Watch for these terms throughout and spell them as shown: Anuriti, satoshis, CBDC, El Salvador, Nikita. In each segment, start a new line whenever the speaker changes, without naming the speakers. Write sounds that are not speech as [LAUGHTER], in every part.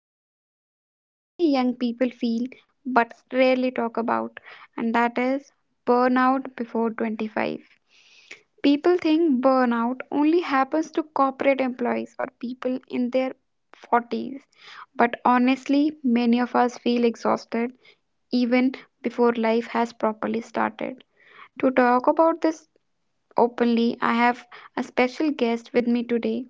about something many young people feel but rarely talk about, and that is burnout before 25. People think burnout only happens to corporate employees or people in their 40s, but honestly, many of us feel exhausted even before life has properly started. To talk about this openly, I have a special guest with me today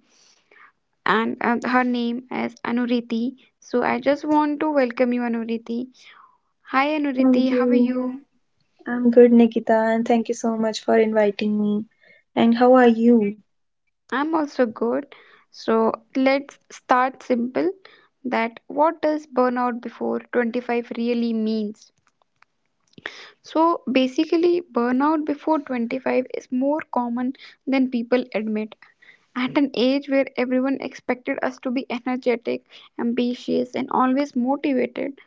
and her name is Anuriti. So I just want to welcome you, Anuriti. Hi, Anuriti, how
Thank
are
you.
you?
I'm good, Nikita, and thank you so much for inviting me. And how are you?
I'm also good. So let's start simple that what does burnout before 25 really means? So basically, burnout before 25 is more common than people admit. At an age where everyone expected us to be energetic, ambitious, and always motivated,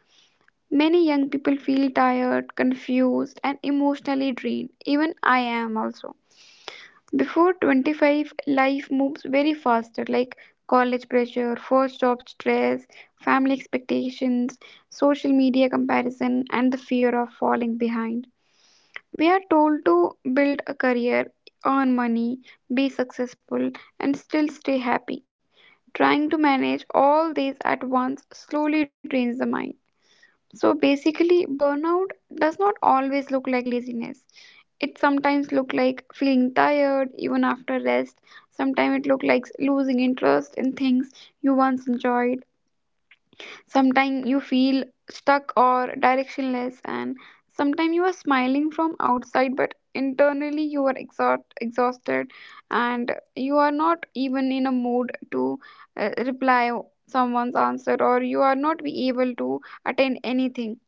many young people feel tired, confused, and emotionally drained. Even I am also. Before 25, life moves very faster, like college pressure, first job stress, family expectations, social media comparison, and the fear of falling behind. We are told to build a career, earn money, be successful, and still stay happy. Trying to manage all these at once slowly drains the mind. So basically, burnout does not always look like laziness. It sometimes look like feeling tired even after rest. Sometimes it look like losing interest in things you once enjoyed. Sometimes you feel stuck or directionless, and sometimes you are smiling from outside, but internally you are exhausted, and you are not even in a mood to reply someone's answer, or you are not be able to attend anything.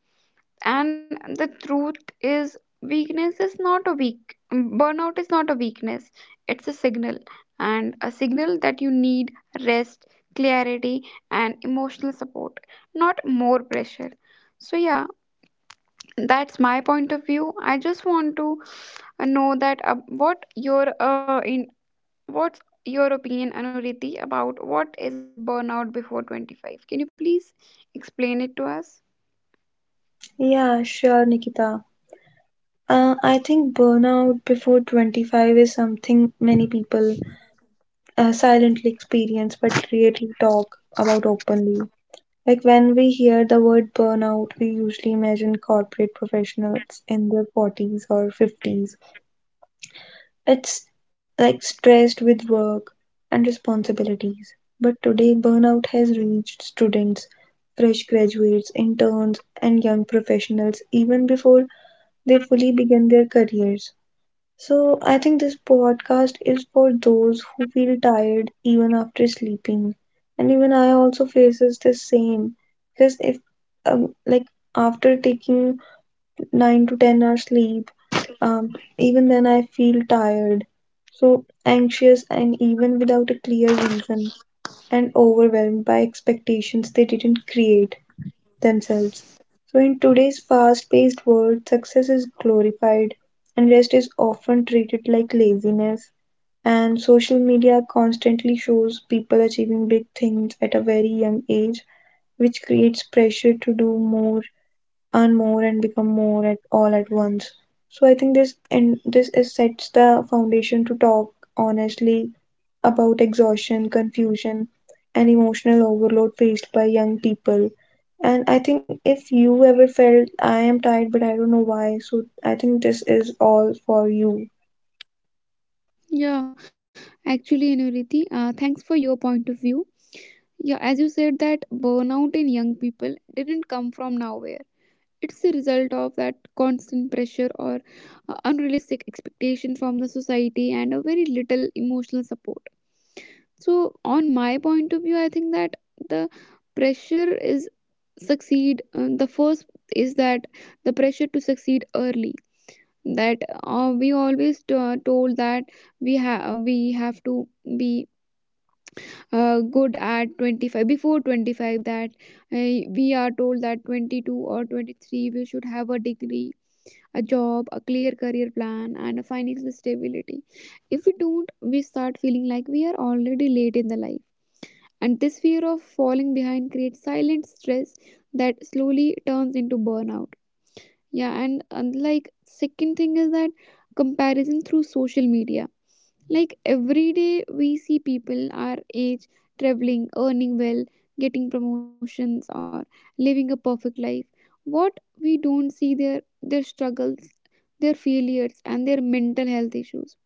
And the truth is weakness is not a burnout is not a weakness. It's a signal, and a signal that you need rest, clarity, and emotional support, not more pressure. So yeah, that's my point of view. I just want to know that what your uh, in what's your opinion, Anuriti, about what is burnout before 25? Can you please explain it to us?
Yeah, sure, Nikita. I think burnout before 25 is something many people silently experience but rarely talk about openly. Like when we hear the word burnout, we usually imagine corporate professionals in their 40s or 50s. It's like stressed with work and responsibilities. But today, burnout has reached students, fresh graduates, interns, and young professionals even before they fully begin their careers. So, I think this podcast is for those who feel tired even after sleeping. And even I also faces the same because if like after taking 9 to 10 hours sleep, even then, I feel tired, so anxious, and even without a clear reason, and overwhelmed by expectations they didn't create themselves. So, in today's fast paced world, success is glorified, and rest is often treated like laziness. And social media constantly shows people achieving big things at a very young age, which creates pressure to do more, earn more and become more at all at once. So I think this is sets the foundation to talk honestly about exhaustion, confusion, and emotional overload faced by young people. And I think if you ever felt I am tired but I don't know why, so I think this is all for you.
Yeah, actually, Anuriti, thanks for your point of view. Yeah, as you said, that burnout in young people didn't come from nowhere. It's the result of that constant pressure or unrealistic expectation from the society and a very little emotional support. So, on my point of view, I think that the pressure is succeed. The first is that the pressure to succeed early. That we always told that we have to be good at 25, that we are told that 22 or 23 we should have a degree, a job, a clear career plan, and a financial stability. If we don't, we start feeling like we are already late in the life, and this fear of falling behind creates silent stress that slowly turns into burnout. Yeah, and like second thing is that comparison through social media. Like every day we see people our age traveling, earning well, getting promotions or living a perfect life. What we don't see, their struggles, their failures, and their mental health issues.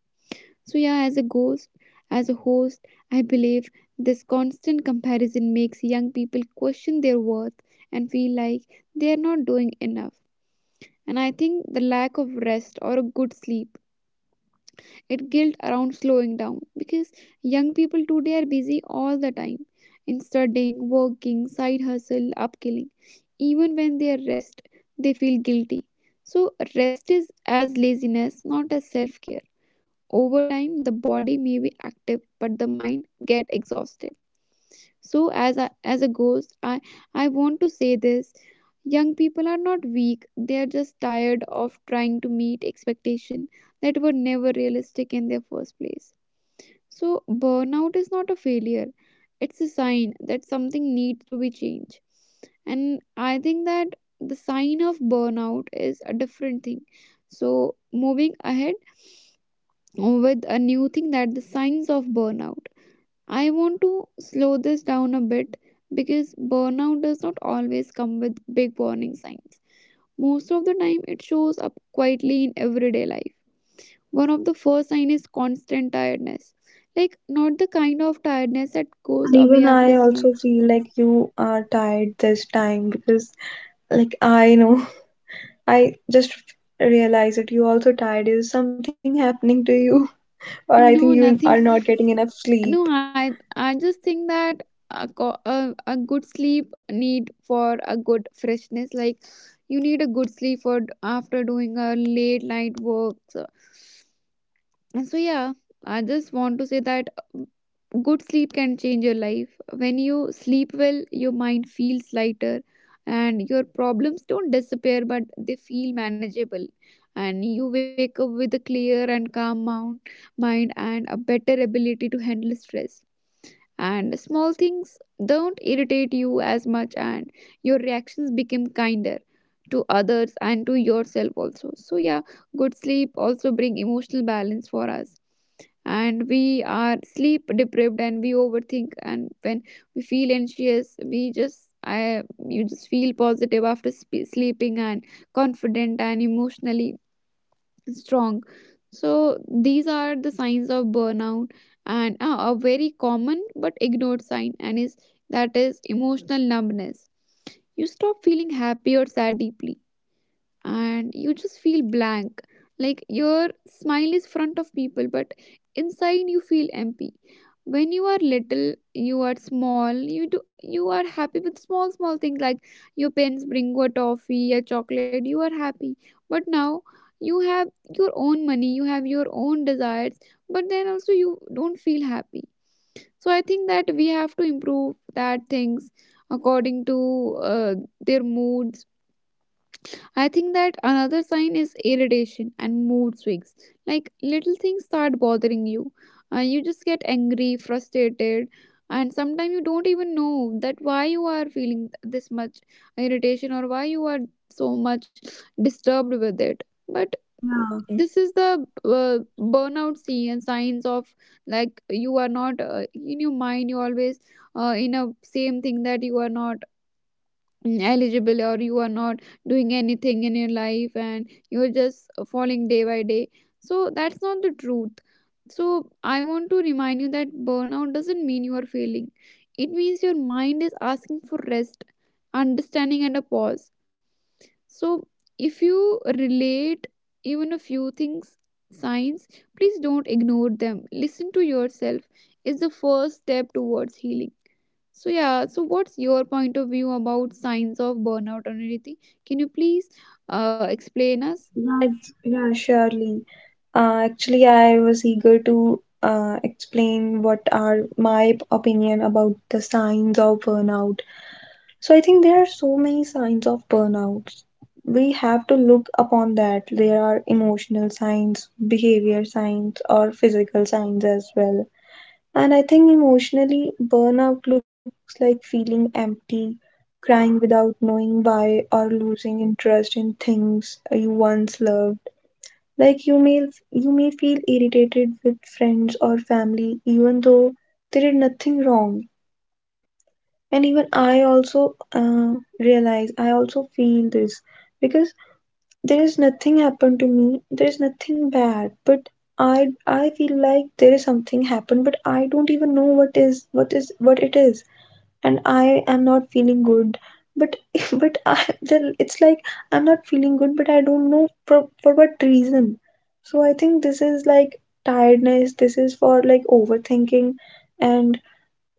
So, yeah, as a host, I believe this constant comparison makes young people question their worth and feel like they are not doing enough. And I think the lack of rest or a good sleep, it guilt around slowing down, because young people today are busy all the time in studying, working, side hustle, upskilling. Even when they are rest, they feel guilty. So rest is as laziness, not as self care. Over time, the body may be active but the mind get exhausted. So as a ghost, I want to say this, young people are not weak, they are just tired of trying to meet expectations that were never realistic in their first place. So burnout is not a failure, it's a sign that something needs to be changed. And I think that the sign of burnout is a different thing. So moving ahead with a new thing that the signs of burnout. I want to slow this down a bit because burnout does not always come with big warning signs. Most of the time, it shows up quietly in everyday life. One of the first signs is constant tiredness, like not the kind of tiredness that
And
goes
even
away
I
after
also
sleep.
feel like you are tired this time because like I know [LAUGHS] I just realized that you also tired. Is something happening to you? Or I think
No,
you are
nothing.
not getting enough sleep.
No, I just think that a good sleep need for a good freshness. Like you need a good sleep for after doing a late night work, so and so, yeah, I just want to say that uh, good sleep can change your life. When you sleep well, your mind feels lighter and your problems don't disappear, but they feel manageable. And you wake up with a clear and mind and a better ability to handle stress. And small things don't irritate you as much, and your reactions become kinder to others and to yourself also. So, yeah, good sleep also bring emotional balance for us, and we are sleep deprived and we overthink, and when we feel anxious we just I you just feel positive after sleeping, and confident and emotionally strong. So these are the signs of burnout. And a very common but ignored sign and is that is emotional numbness. You stop feeling happy or sad deeply, and you just feel blank, like your smile is front of people but inside you feel empty. When you are little, you are small, you are happy with small small things, like your parents bring you a toffee, a chocolate, you are happy. But now you have your own money, you have your own desires, but then also you don't feel happy. So I think that we have to improve that things according to their moods. I think that another sign is irritation and mood swings. Like little things start bothering you. You just get angry, frustrated, and sometimes you don't even know that why you are feeling this much irritation or why you are so much disturbed with it. But
Yeah,
this is the burnout signs of, like, you are not in your mind, you always in a same thing that you are not eligible, or you are not doing anything in your life and you're just falling day by day. So that's not the truth. So I want to remind you that burnout doesn't mean you are failing, it means your mind is asking for rest, understanding, and a pause. So if you relate even a few things, signs, please don't ignore them. Listen to yourself is the first step towards healing. So yeah, so what's your point of view about signs of burnout on anything? Can you please explain us?
yeah, yeah, surely. Actually, I was eager to explain what are my opinion about the signs of burnout. So I think there are so many signs of burnout. We have to look upon that. There are emotional signs, behavior signs, or physical signs as well. And I think emotionally, burnout looks like feeling empty, crying without knowing why, or losing interest in things you once loved. Like you may feel irritated with friends or family, even though they did nothing wrong. And even I also realize I also feel this because there is nothing happened to me, there is nothing bad, but I feel like there is something happened, but I don't even know what is what it is. And I am not feeling good, but [LAUGHS] but I then it's like I'm not feeling good but I don't know for what reason. So I think this is like tiredness, this is for like overthinking. And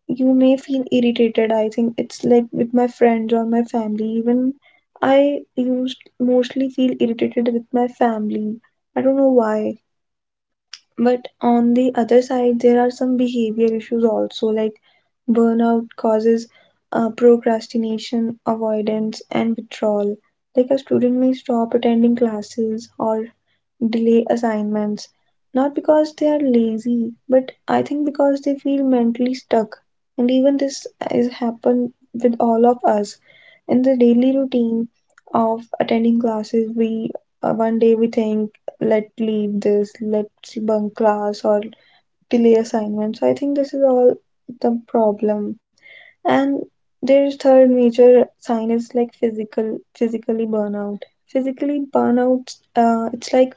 you may feel irritated. I think it's like with my friends or my family. Even I used mostly feel irritated with my family. I don't know why. But on the other side, there are some behavior issues also, like burnout causes procrastination, avoidance, and withdrawal. Like a student may stop attending classes or delay assignments, not because they are lazy, but I think because they feel mentally stuck. And even this is happen with all of us. In the daily routine of attending classes, we one day we think, let's leave this, let's bunk class or delay assignments. So I think this is all the problem. And there's third major sign is like physically burnout. Physically burnout, it's like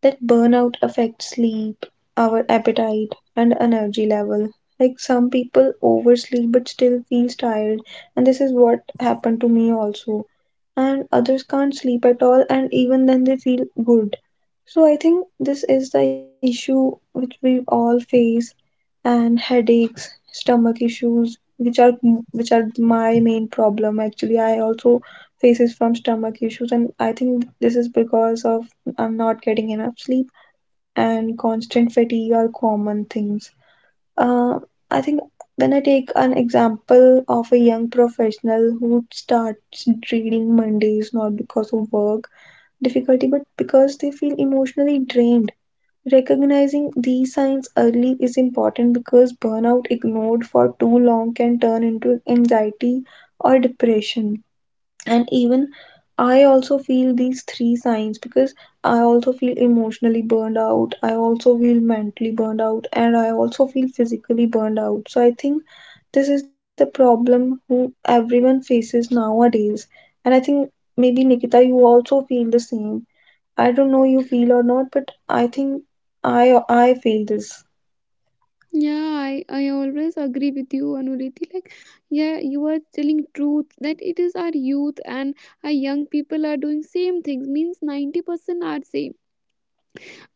that burnout affects sleep, our appetite, and energy level. Like some people oversleep but still feels tired, and this is what happened to me also. And others can't sleep at all, and even then they feel good. So I think this is the issue which we all face and headaches, stomach issues, which are my main problem. Actually, I also faces from stomach issues, and I think this is because of I'm not getting enough sleep and constant fatigue are common things. Uh, I think when I take an example of a young professional who starts dreading Mondays not because of work difficulty but because they feel emotionally drained. Recognizing these signs early is important because burnout ignored for too long can turn into anxiety or depression. And even I also feel these three signs because I also feel emotionally burned out, I also feel mentally burned out, and I also feel physically burned out. So I think this is the problem who everyone faces nowadays. And I think maybe Nikita, you also feel the same. I don't know you feel or not, but I think I feel this.
Yeah, I always agree with you, Anuriti. Like, yeah, you are telling truth that it is our youth and our young people are doing same things. Means 90% are same.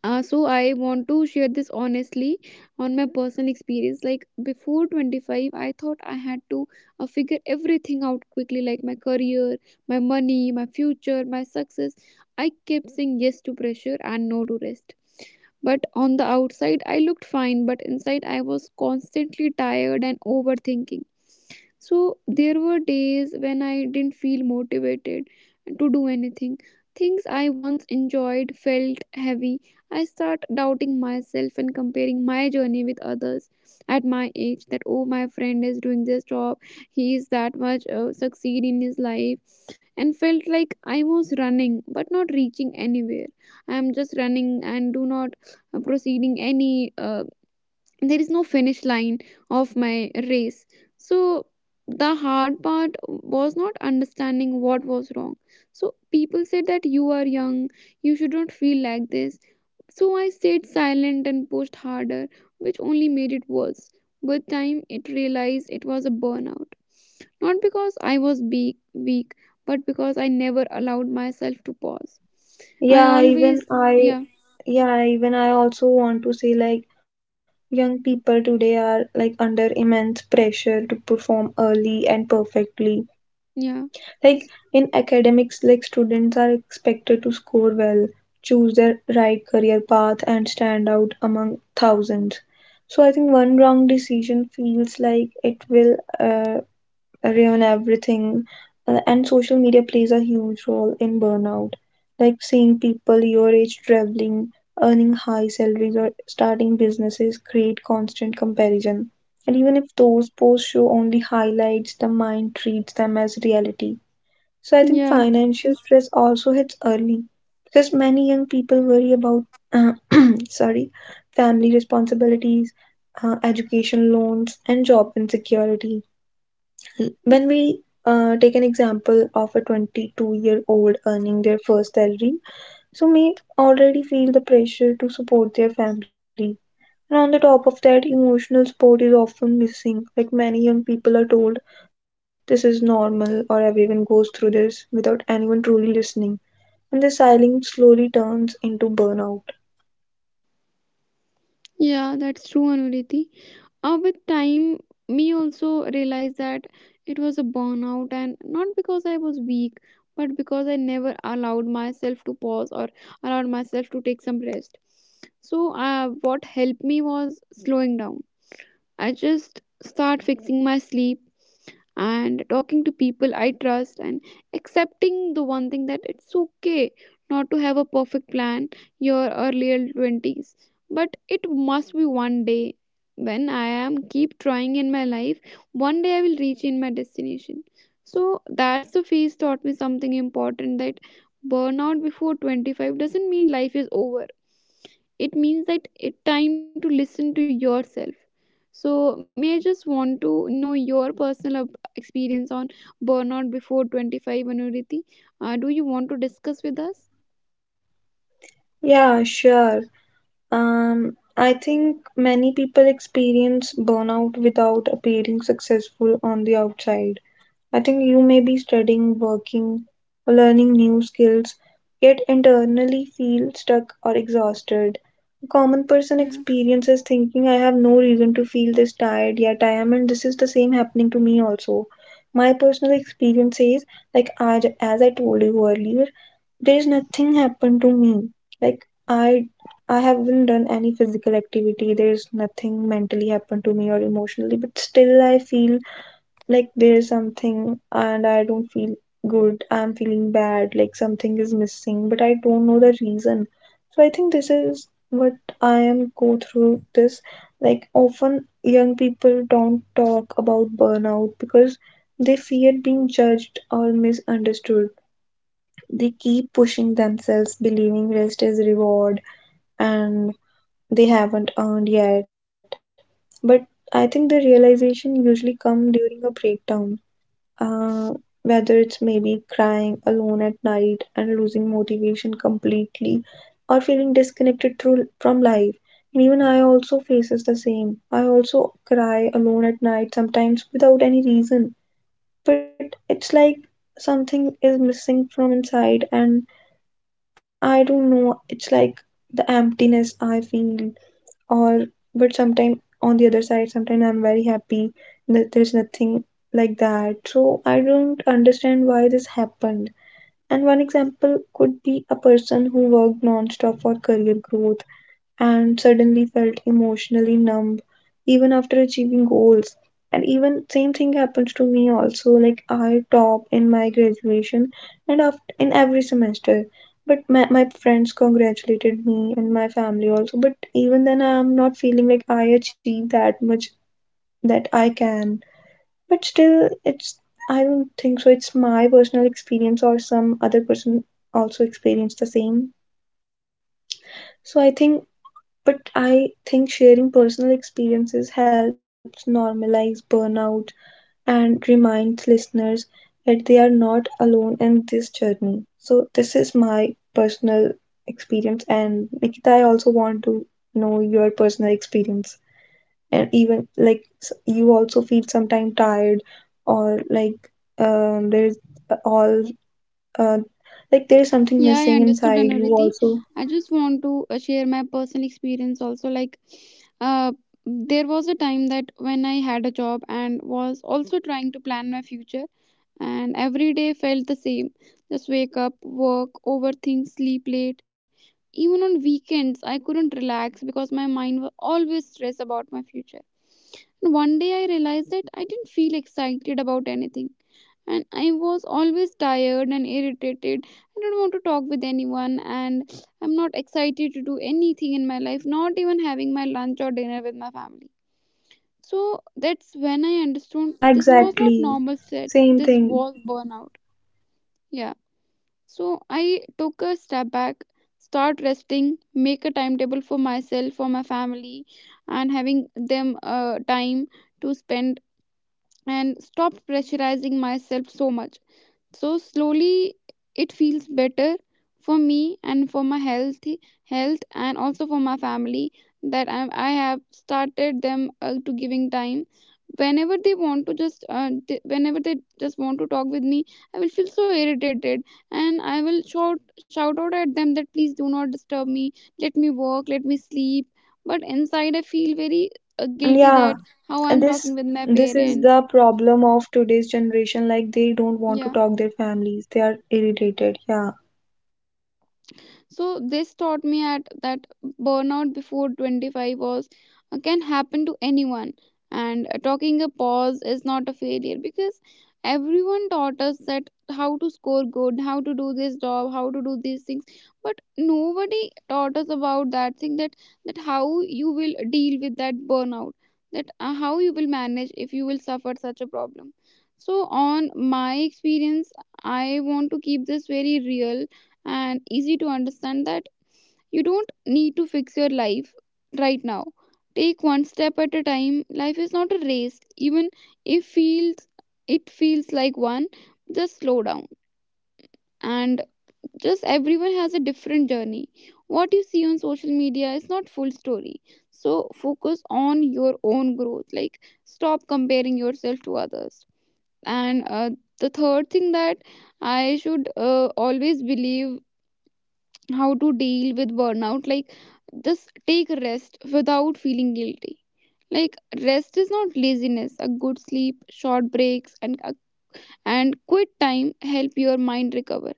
So I want to share this honestly on my personal experience. Like before 25, I thought I had to figure everything out quickly, like my career, my money, my future, my success. I kept saying yes to pressure and no to rest. But on the outside, I looked fine, but inside, I was constantly tired and overthinking. So there were days when I didn't feel motivated to do anything. Things I once enjoyed felt heavy. I start doubting myself and comparing my journey with others at my age, that oh, my friend is doing this job, he is that much succeed in his life, and felt like I was running but not reaching anywhere. I am just running and do not proceeding any there is no finish line of my race. So the hard part was not understanding what was wrong. So people said that you are young, you should not feel like this, so I stayed silent and pushed harder, which only made it worse. With time, it realized it was a burnout, not because I was weak, but because I never allowed myself to pause. I
Yeah,
always yeah.
even I also want to say like young people today are like under immense pressure to perform early and perfectly.
Yeah,
Like in academics, like students are expected to score well, choose their right career path and stand out among thousands. So I think one wrong decision feels like it will ruin everything. And social media plays a huge role in burnout. Like seeing people your age traveling, earning high salaries, or starting businesses create constant comparison. And even if those posts show only highlights, the mind treats them as reality. So I think
yeah,
financial stress also hits early because many young people worry about [CLEARS THROAT] sorry, family responsibilities, education loans, and job insecurity when we take an example of a 22-year-old earning their first salary, so may already feel the pressure to support their family. And on the top of that, emotional support is often missing. Like many young people are told, this is normal, or everyone goes through this without anyone truly listening. And the silence slowly turns into burnout.
yeah, that's true, Anuriti. Uh, with time, me also realized that it was a burnout, and not because I was weak, but because I never allowed myself to pause or allowed myself to take some rest. So what helped me was slowing down. I just start fixing my sleep and talking to people I trust and accepting the one thing that it's okay not to have a perfect plan your earlier 20s, but it must be one day when I am keep trying in my life, one day I will reach in my destination. So that's the phase taught me something important, that burnout before 25 doesn't mean life is over, it means that it's time to listen to yourself. So, may I just want to know your personal experience on burnout before 25, Anuriti? Do you want to discuss with us?
Yeah, sure. I think many people experience burnout without appearing successful on the outside. I think you may be studying, working, or learning new skills, yet internally feel stuck or exhausted. A common person
Yeah,
experiences thinking, I have no reason to feel this tired, yet I am, and this is the same happening to me also. My personal experience is, like, I, as I told you earlier, there is nothing happened to me. Like, I haven't done any physical activity. There is nothing mentally happened to me or emotionally, but still I feel like there's something, and I don't feel good, I'm feeling bad, like something is missing but I don't know the reason. So I think this is what I am go through this. Like often young people don't talk about burnout because they fear being judged or misunderstood. They keep pushing themselves believing rest is reward, and they haven't earned yet. But I think the realization usually come during a breakdown, uh, whether it's maybe crying alone at night and losing motivation completely, or feeling disconnected through from life. And even I also faces the same, I also cry alone at night sometimes without any reason, but it's like something is missing from inside, and I don't know, it's like the emptiness I feel. Or but sometimes on the other side, sometimes I'm very happy that there's nothing like that, so I don't understand why this happened. And one example could be a person who worked non-stop for career growth and suddenly felt emotionally numb even after achieving goals. And even same thing happens to me also, like I top in my graduation and after, in every semester, but my friends congratulated me and my family also, but even then I am not feeling like I achieved that much that I can. But still it's, I don't think so it's my personal experience or some other person also experienced the same. So i think but I think sharing personal experiences helps normalize burnout and reminds listeners that they are not alone in this journey. So, this is my personal experience, and Nikita, I also want to know your personal experience. And even like you also feel sometimes tired, or like there's all uh, like there's something
yeah, I
missing
understood,
inside you,
Anuriti.
also.
I just want to share my personal experience also. Like, uh, there was a time that when I had a job and was also trying to plan my future, and every day felt the same. Just wake up, work, overthink, sleep late. Even on weekends, I couldn't relax because my mind was always stressed about my future. And one day I realized that I didn't feel excited about anything. And I was always tired and irritated. I don't want to talk with anyone, and I'm not excited to do anything in my life, not even having my lunch or dinner with my family. So that's when I understood
Yeah,
this was not
exactly.
normal stress,
Same
this
thing.
was burnout. Yeah. So I took a step back, start resting, make a timetable for myself, for my family, and having them time to spend, and stop pressurizing myself so much. So slowly it feels better for me and for my health and also for my family. That I have started them to giving time whenever they want to, just whenever they just want to talk with me, I will feel so irritated, and I will shout out at them that please do not disturb me, let me work, let me sleep. But inside I feel very guilty
Yeah,
that how
and
I'm
this
talking with my
this is
parents.
the problem of today's generation. Like they don't want to
Yeah.
talk their families. They are irritated. Yeah.
So this taught me at that burnout before 25 was can happen to anyone, and talking a pause is not a failure, because everyone taught us that how to score good, how to do this job, how to do these things, but nobody taught us about that thing that how you will deal with that burnout, that how you will manage if you will suffer such a problem. So on my experience, I want to keep this very real and easy to understand that you don't need to fix your life right now. Take one step at a time. Life is not a race, even if feels it feels like one. Just slow down, and just everyone has a different journey. What you see on social media is not full story. So focus on your own growth. Like stop comparing yourself to others. And the third thing that I should always believe how to deal with burnout, like just take rest without feeling guilty. Like rest is not laziness. A good sleep, short breaks, and quiet time help your mind recover.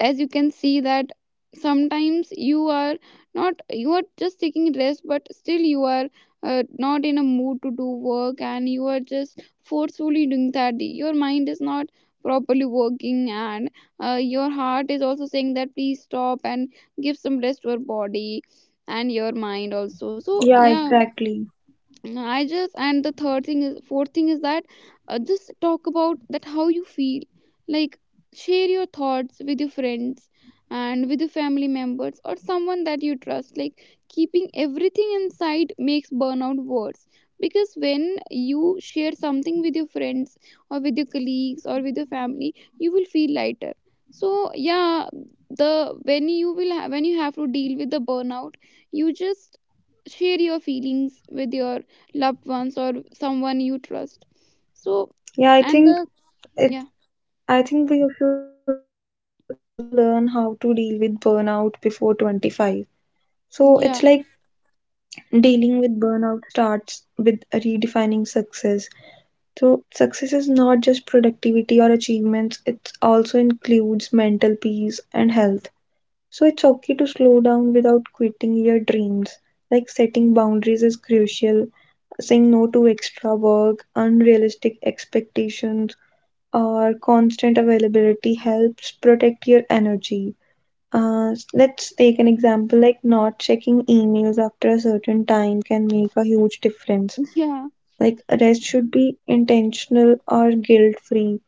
As you can see that sometimes you are not you are just taking rest, but still you are not in a mood to do work, and you are just forcefully doing that. Your mind is not properly working, and your heart is also saying that please stop and give some rest to your body and your mind also. So
Yeah,
yeah.
exactly.
No, I just, and the third thing is fourth thing is that just talk about that how you feel. Like share your thoughts with your friends and with your family members or someone that you trust. Like keeping everything inside makes burnout worse, because when you share something with your friends or with your colleagues or with your family, you will feel lighter. So yeah, the when you will when you have to deal with the burnout, you just share your feelings with your loved ones or someone you trust. So
Yeah, I
and
think
the yeah,
it I think we should also learn how to deal with burnout before 25. So it's like
yeah,
dealing with burnout starts with redefining success. So success is not just productivity or achievements, it also includes mental peace and health. So it's okay to slow down without quitting your dreams. Like setting boundaries is crucial, saying no to extra work, unrealistic expectations, or constant availability helps protect your energy. Let's take an example like not checking emails after a certain time can make a huge difference.
[LAUGHS] yeah.
Like, rest should be intentional or guilt free.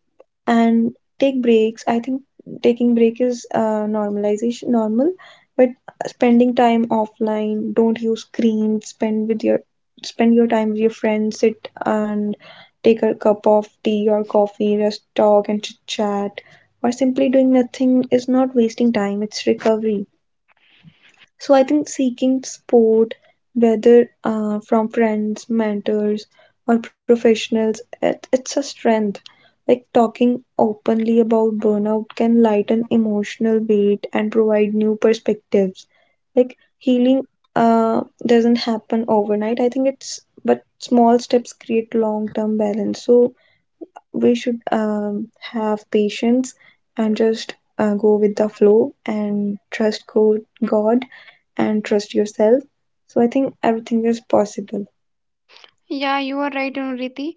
And take breaks, I think taking break is normal, but spending time offline, don't use screens, spend your time with your friends, sit and take a cup of tea or coffee, just talk and chit chat, or simply doing nothing is not wasting time, it's recovery. So I think seeking support, whether from friends, mentors, or professionals, it's a strength. Like talking openly about burnout can lighten emotional weight and provide new perspectives. Like healing doesn't happen overnight. I think it's but small steps create long term balance. So we should have patience and just go with the flow and trust God and trust yourself. So I think everything is possible.
Yeah, you are right, Riti,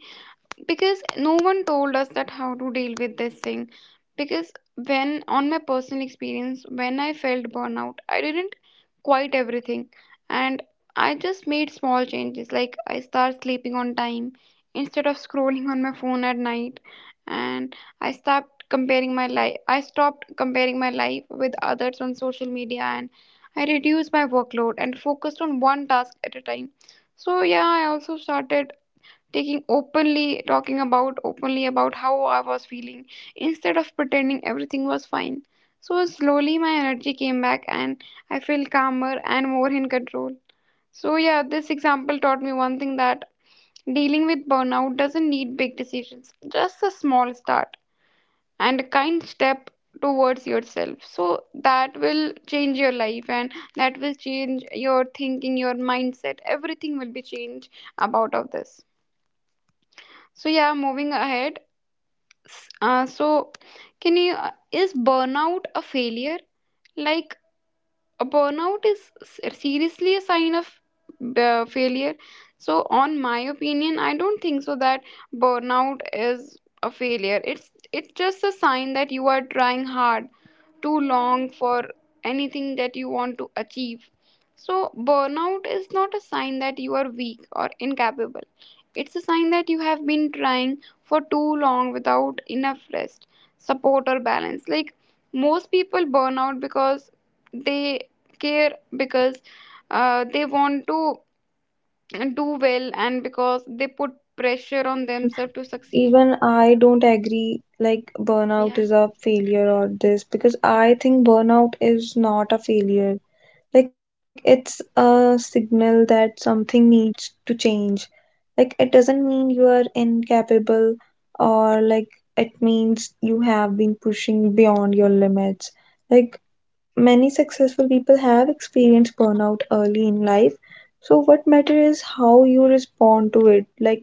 because no one told us that how to deal with this thing. Because when on my personal experience, when I felt burnout, I didn't quite everything, and I just made small changes, like I start sleeping on time instead of scrolling on my phone at night. And I stopped comparing my life with others on social media, and I reduced my workload and focused on one task at a time. So yeah, I also started taking openly talking about openly about how I was feeling instead of pretending everything was fine. So slowly my energy came back, and I felt calmer and more in control. So yeah, this example taught me one thing, that dealing with burnout doesn't need big decisions, just a small start and a kind step towards yourself. So that will change your life, and that will change your thinking, your mindset, everything will be changed about of this. So yeah, moving ahead, so, can you, is burnout a failure? Like, a burnout is seriously a sign of failure. So on my opinion, I don't think so that burnout is a failure. It's just a sign that you are trying hard too long for anything that you want to achieve. So burnout is not a sign that you are weak or incapable. It's a sign that you have been trying for too long without enough rest, support, or balance. Like most people burn out because they care, because they want to do well, and because they put pressure
Yeah,
on
even
themselves to succeed.
even I don't agree like burnout
Yeah.
is a failure or this because I think burnout is not a failure. Like it's a signal that something needs to change, like it doesn't mean you are incapable, or like it means you have been pushing beyond your limits. Like many successful people have experienced burnout early in life, so what matters is how you respond to it. Like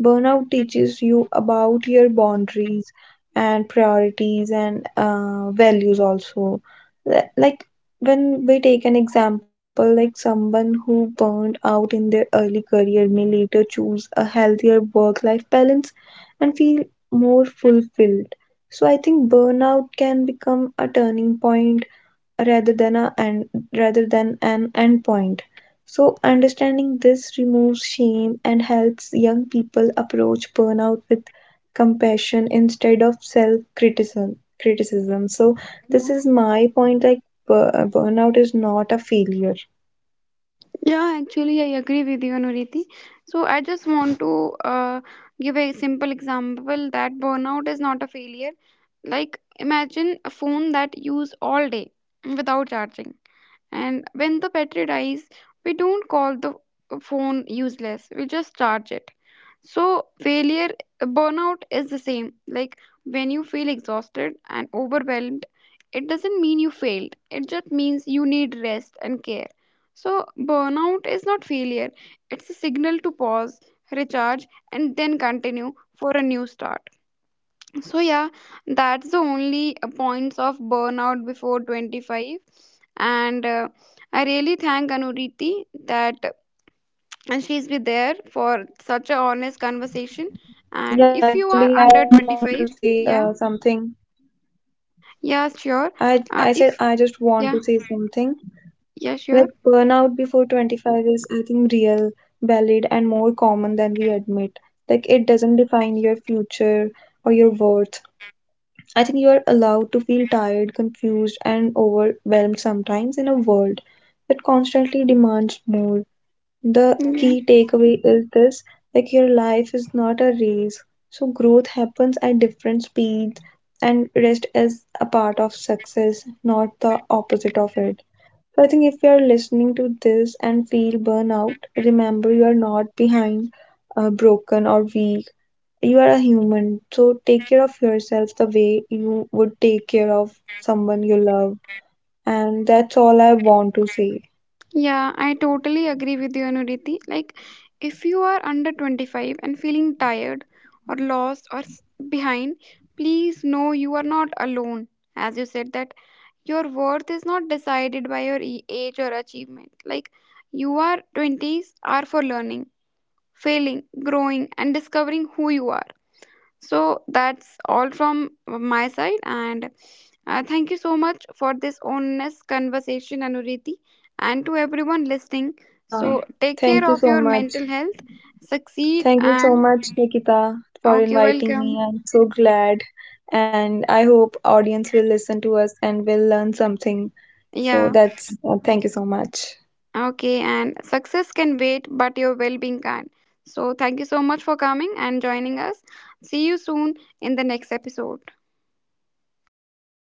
burnout teaches you about your boundaries and priorities and values also. Like when we take an example, like someone who burned out in their early career may later choose a healthier work-life balance and feel more fulfilled. So I think burnout can become a turning point rather than a and rather than an endpoint. So understanding this removes shame and helps young people approach burnout with compassion instead of self criticism. So this is my point, like burnout is not a failure.
Yeah, actually, I agree with you, Nuriti. So I just want to uh, give a simple example that burnout is not a failure. Like, imagine a phone that use all day without charging, and when the battery dies, we don't call the phone useless. We just charge it. So, burnout is the same. Like, when you feel exhausted and overwhelmed, it doesn't mean you failed. It just means you need rest and care. So, burnout is not failure, it's a signal to pause, recharge, and then continue for a new start. So, yeah, that's the only points of burnout before 25. And I really thank Anuriti that she's been there for such an
Yeah,
honest
actually I
conversation.
just want to
And if
say
you are under
something.
25, yeah,
I
yeah,
said I
sure.
just want to say
If,
something.
yeah,
Like
yeah,
burnout
sure.
before 25 is, I think, real, valid, and more common than we admit. Like it doesn't define your future or your worth. I think you are allowed to feel tired, confused, and overwhelmed sometimes in a world that constantly demands more. The
Yeah.
key takeaway is this, like your life is not a race. So growth happens at different speeds, and rest is a part of success, not the opposite of it. So I think if you are listening to this and feel burnout, remember you are not behind, broken, or weak. You are a human. So take care of yourself the way you would take care of someone you love. And that's all I want to say.
Yeah, I totally agree with you, Anuriti. Like, if you are under 25 and feeling tired or lost or behind, please know you are not alone. As you said, that your worth is not decided by your age or achievement. Like, your 20s are for learning, failing, growing, and discovering who you are. So that's all from my side, and thank you so much for this honest conversation, Anuriti, and to everyone listening.
Yeah.
So take
Thank you
care of
so
your
much.
mental health, succeed,
Thank you so
and
much, Nikita, for
okay,
inviting
welcome.
me. I'm so glad. And I hope audience will listen to us and will learn something. So
Yeah,
that's thank you so much.
okay, and success can wait, but your well being can't. So thank you so much for coming and joining us. See you soon in the next episode.